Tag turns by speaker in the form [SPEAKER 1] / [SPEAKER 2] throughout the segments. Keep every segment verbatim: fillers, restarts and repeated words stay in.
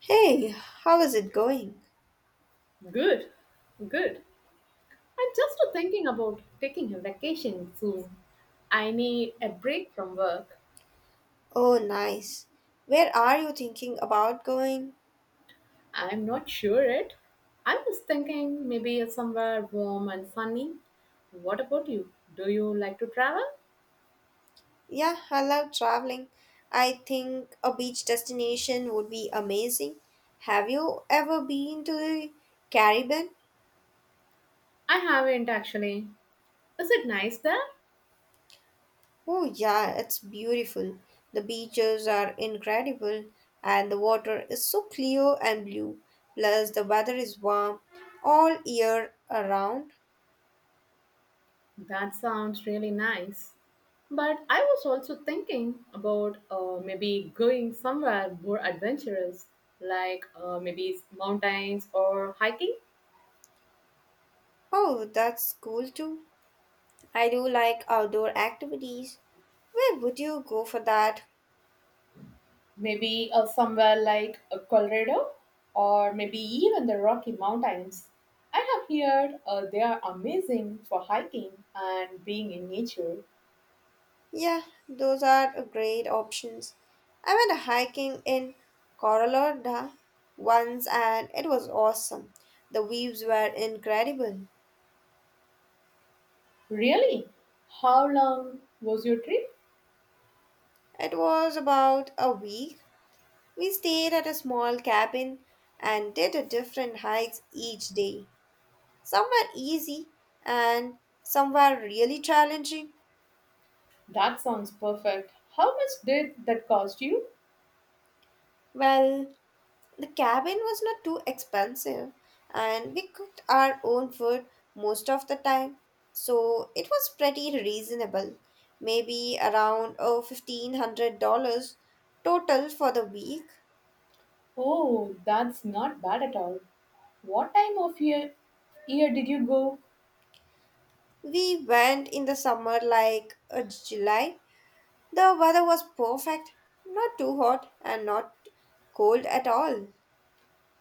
[SPEAKER 1] Hey, how is it going?
[SPEAKER 2] Good, good. I'm just thinking about taking a vacation soon. I need a break from work.
[SPEAKER 1] Oh, nice. Where are you thinking about going?
[SPEAKER 2] I'm not sure yet. I was thinking maybe somewhere warm and sunny. What about you? Do you like to travel?
[SPEAKER 1] Yeah, I love traveling. I think a beach destination would be amazing. Have you ever been to the Caribbean?
[SPEAKER 2] I haven't actually. Is it nice there?
[SPEAKER 1] Oh, yeah, it's beautiful. The beaches are incredible and the water is so clear and blue. Plus, the weather is warm all year around.
[SPEAKER 2] That sounds really nice. But I was also thinking about uh, maybe going somewhere more adventurous, like uh, maybe mountains or hiking.
[SPEAKER 1] Oh, that's cool too. I do like outdoor activities. Where would you go for that?
[SPEAKER 2] Maybe uh, somewhere like uh, Colorado or maybe even the Rocky Mountains. I have heard uh, they are amazing for hiking and being in nature.
[SPEAKER 1] Yeah, those are great options. I went hiking in Colorado once and it was awesome. The views were incredible.
[SPEAKER 2] Really? How long was your trip?
[SPEAKER 1] It was about a week. We stayed at a small cabin and did a different hikes each day. Some were easy and some were really challenging.
[SPEAKER 2] That sounds perfect. How much did that cost you?
[SPEAKER 1] Well, the cabin was not too expensive, and we cooked our own food most of the time, so it was pretty reasonable. Maybe around oh, fifteen hundred dollars total for the week.
[SPEAKER 2] Oh, that's not bad at all. What time of year, year did you go?
[SPEAKER 1] We went in the summer like uh, July. The weather was perfect, not too hot and not cold at all.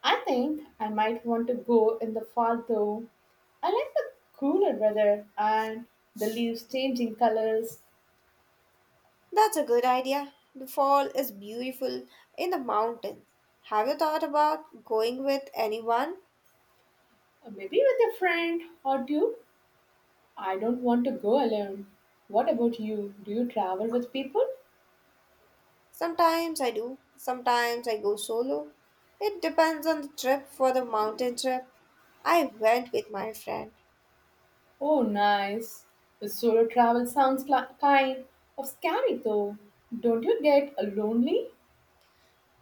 [SPEAKER 2] I think I might want to go in the fall though. I like the cooler weather and the leaves changing colors,
[SPEAKER 1] That's a good idea. The fall is beautiful in the mountains. Have you thought about going with anyone?
[SPEAKER 2] uh, maybe with a friend or two. I don't want to go alone. What about you? Do you travel with people?
[SPEAKER 1] Sometimes I do, sometimes I go solo. It depends on the trip. For the mountain trip, I went with my friend.
[SPEAKER 2] Oh, nice. The solo travel sounds like kind of scary though. Don't you get lonely?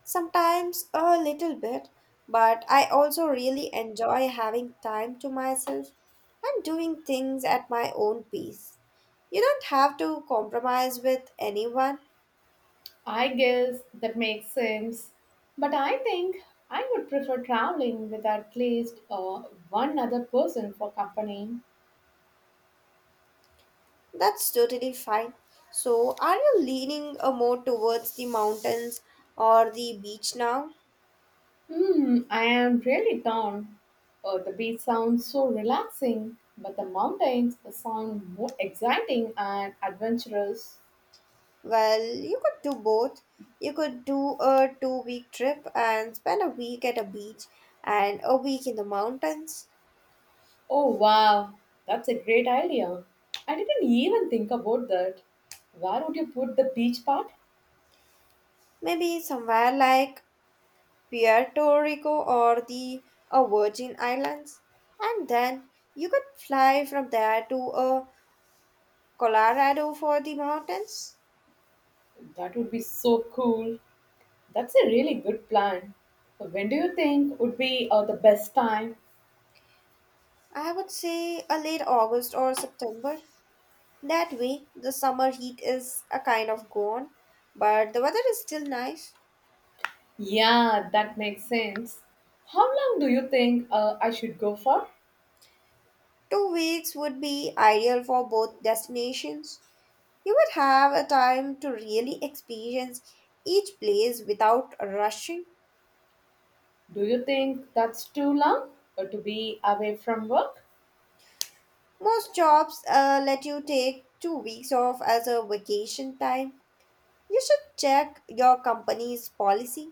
[SPEAKER 1] Sometimes a little bit, but I also really enjoy having time to myself and doing things at my own pace. You don't have to compromise with anyone.
[SPEAKER 2] I guess that makes sense. But I think I would prefer traveling with at least uh, one other person for company.
[SPEAKER 1] That's totally fine. So, are you leaning uh, more towards the mountains or the beach now?
[SPEAKER 2] Hmm, I am really torn. Uh, the beach sounds so relaxing, but the mountains sound more exciting and adventurous.
[SPEAKER 1] Well, you could do both. You could do a two week trip and spend a week at a beach and a week in the mountains.
[SPEAKER 2] Oh wow, that's a great idea. I didn't even think about that. Where would you put the beach part?
[SPEAKER 1] Maybe somewhere like Puerto Rico or the uh, Virgin Islands. And then you could fly from there to uh, Colorado for the mountains.
[SPEAKER 2] That would be so cool. That's a really good plan. So when do you think would be uh, the best time?
[SPEAKER 1] I would say a late August or September. That way, the summer heat is a kind of gone, but the weather is still nice.
[SPEAKER 2] Yeah, that makes sense. How long do you think uh, I should go for?
[SPEAKER 1] Two weeks would be ideal for both destinations. You would have a time to really experience each place without rushing.
[SPEAKER 2] Do you think that's too long uh, to be away from work?
[SPEAKER 1] Most jobs uh, let you take two weeks off as a vacation time. You should check your company's policy.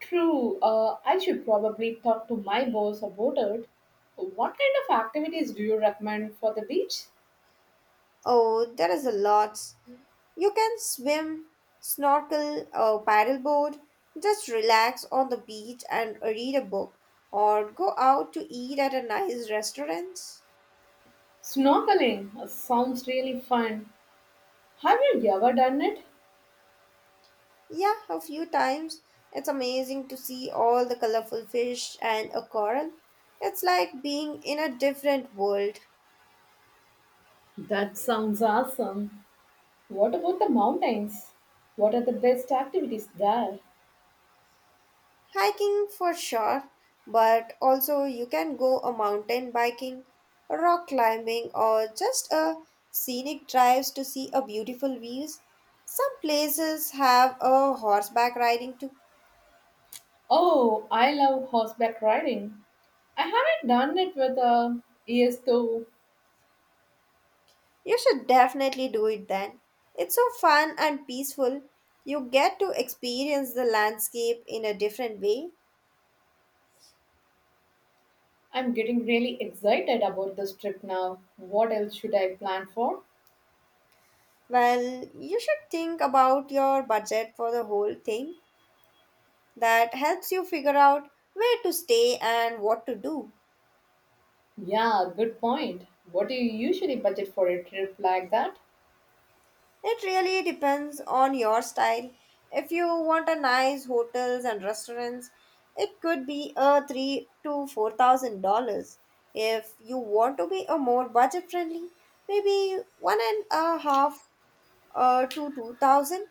[SPEAKER 2] True, uh, I should probably talk to my boss about it. What kind of activities do you recommend for the beach?
[SPEAKER 1] Oh, there is a lot. You can swim, snorkel, or paddleboard. Just relax on the beach and read a book, or go out to eat at a nice restaurant.
[SPEAKER 2] Snorkeling uh, sounds really fun. Have you ever done it?
[SPEAKER 1] Yeah, a few times. It's amazing to see all the colorful fish and a coral. It's like being in a different world.
[SPEAKER 2] That sounds awesome. What about the mountains? What are the best activities there?
[SPEAKER 1] Hiking for sure, but also you can go a mountain biking, rock climbing, or just a scenic drives to see a beautiful views. Some places have a horseback riding too.
[SPEAKER 2] Oh, I love horseback riding. I haven't done it with uh, years though.
[SPEAKER 1] You should definitely do it then. It's so fun and peaceful. You get to experience the landscape in a different way.
[SPEAKER 2] I'm getting really excited about this trip now. What else should I plan for?
[SPEAKER 1] Well, you should think about your budget for the whole thing. That helps you figure out where to stay and what to do.
[SPEAKER 2] Yeah, good point. What do you usually budget for a trip like that?
[SPEAKER 1] It really depends on your style. If you want a nice hotels and restaurants, it could be a three to four thousand dollars. If you want to be a more budget friendly, maybe one and a half uh, to two thousand.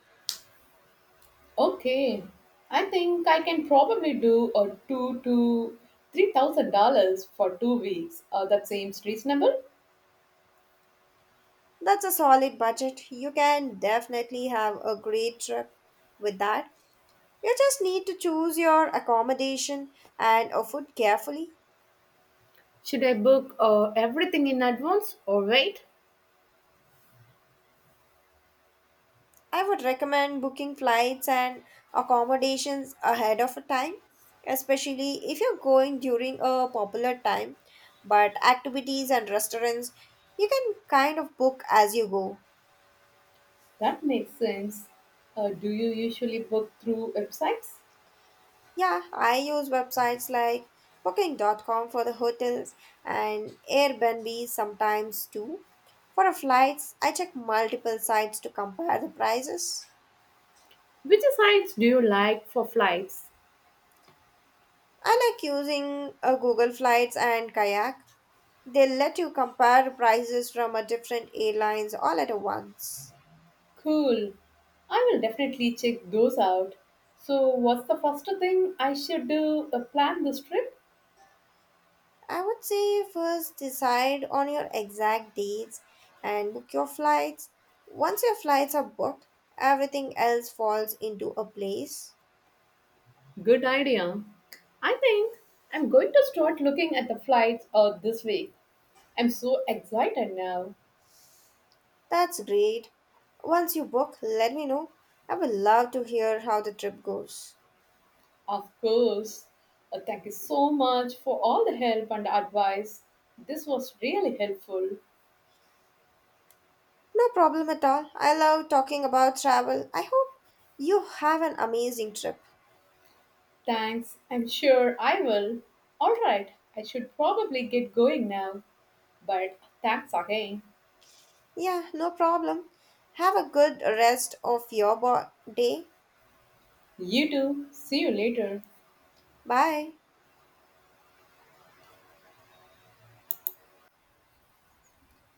[SPEAKER 2] Okay, I think I can probably do a two to three thousand dollars for two weeks. Uh, that seems reasonable.
[SPEAKER 1] That's a solid budget. You can definitely have a great trip with that. You just need to choose your accommodation and a food carefully.
[SPEAKER 2] Should I book uh, everything in advance or wait?
[SPEAKER 1] I would recommend booking flights and accommodations ahead of time, especially if you're going during a popular time. But activities and restaurants, you can kind of book as you go.
[SPEAKER 2] That makes sense. Uh, do you usually book through websites?
[SPEAKER 1] Yeah, I use websites like booking dot com for the hotels and Airbnb sometimes too. For the flights, I check multiple sites to compare the prices.
[SPEAKER 2] Which sites do you like for flights?
[SPEAKER 1] I like using uh, Google Flights and Kayak. They let you compare prices from a different airlines all at once.
[SPEAKER 2] Cool. I will definitely check those out. So, what's the first thing I should do? Uh, plan this trip?
[SPEAKER 1] I would say first decide on your exact dates and book your flights. Once your flights are booked, everything else falls into a place.
[SPEAKER 2] Good idea. I think I'm going to start looking at the flights uh, this week. I'm so excited now.
[SPEAKER 1] That's great. Once you book, let me know. I would love to hear how the trip goes.
[SPEAKER 2] Of course. Uh, thank you so much for all the help and advice. This was really helpful.
[SPEAKER 1] No problem at all. I love talking about travel. I hope you have an amazing trip.
[SPEAKER 2] Thanks. I'm sure I will. All right. I should probably get going now. But thanks again.
[SPEAKER 1] Yeah, no problem. Have a good rest of your bo- day.
[SPEAKER 2] You too. See you later.
[SPEAKER 1] Bye.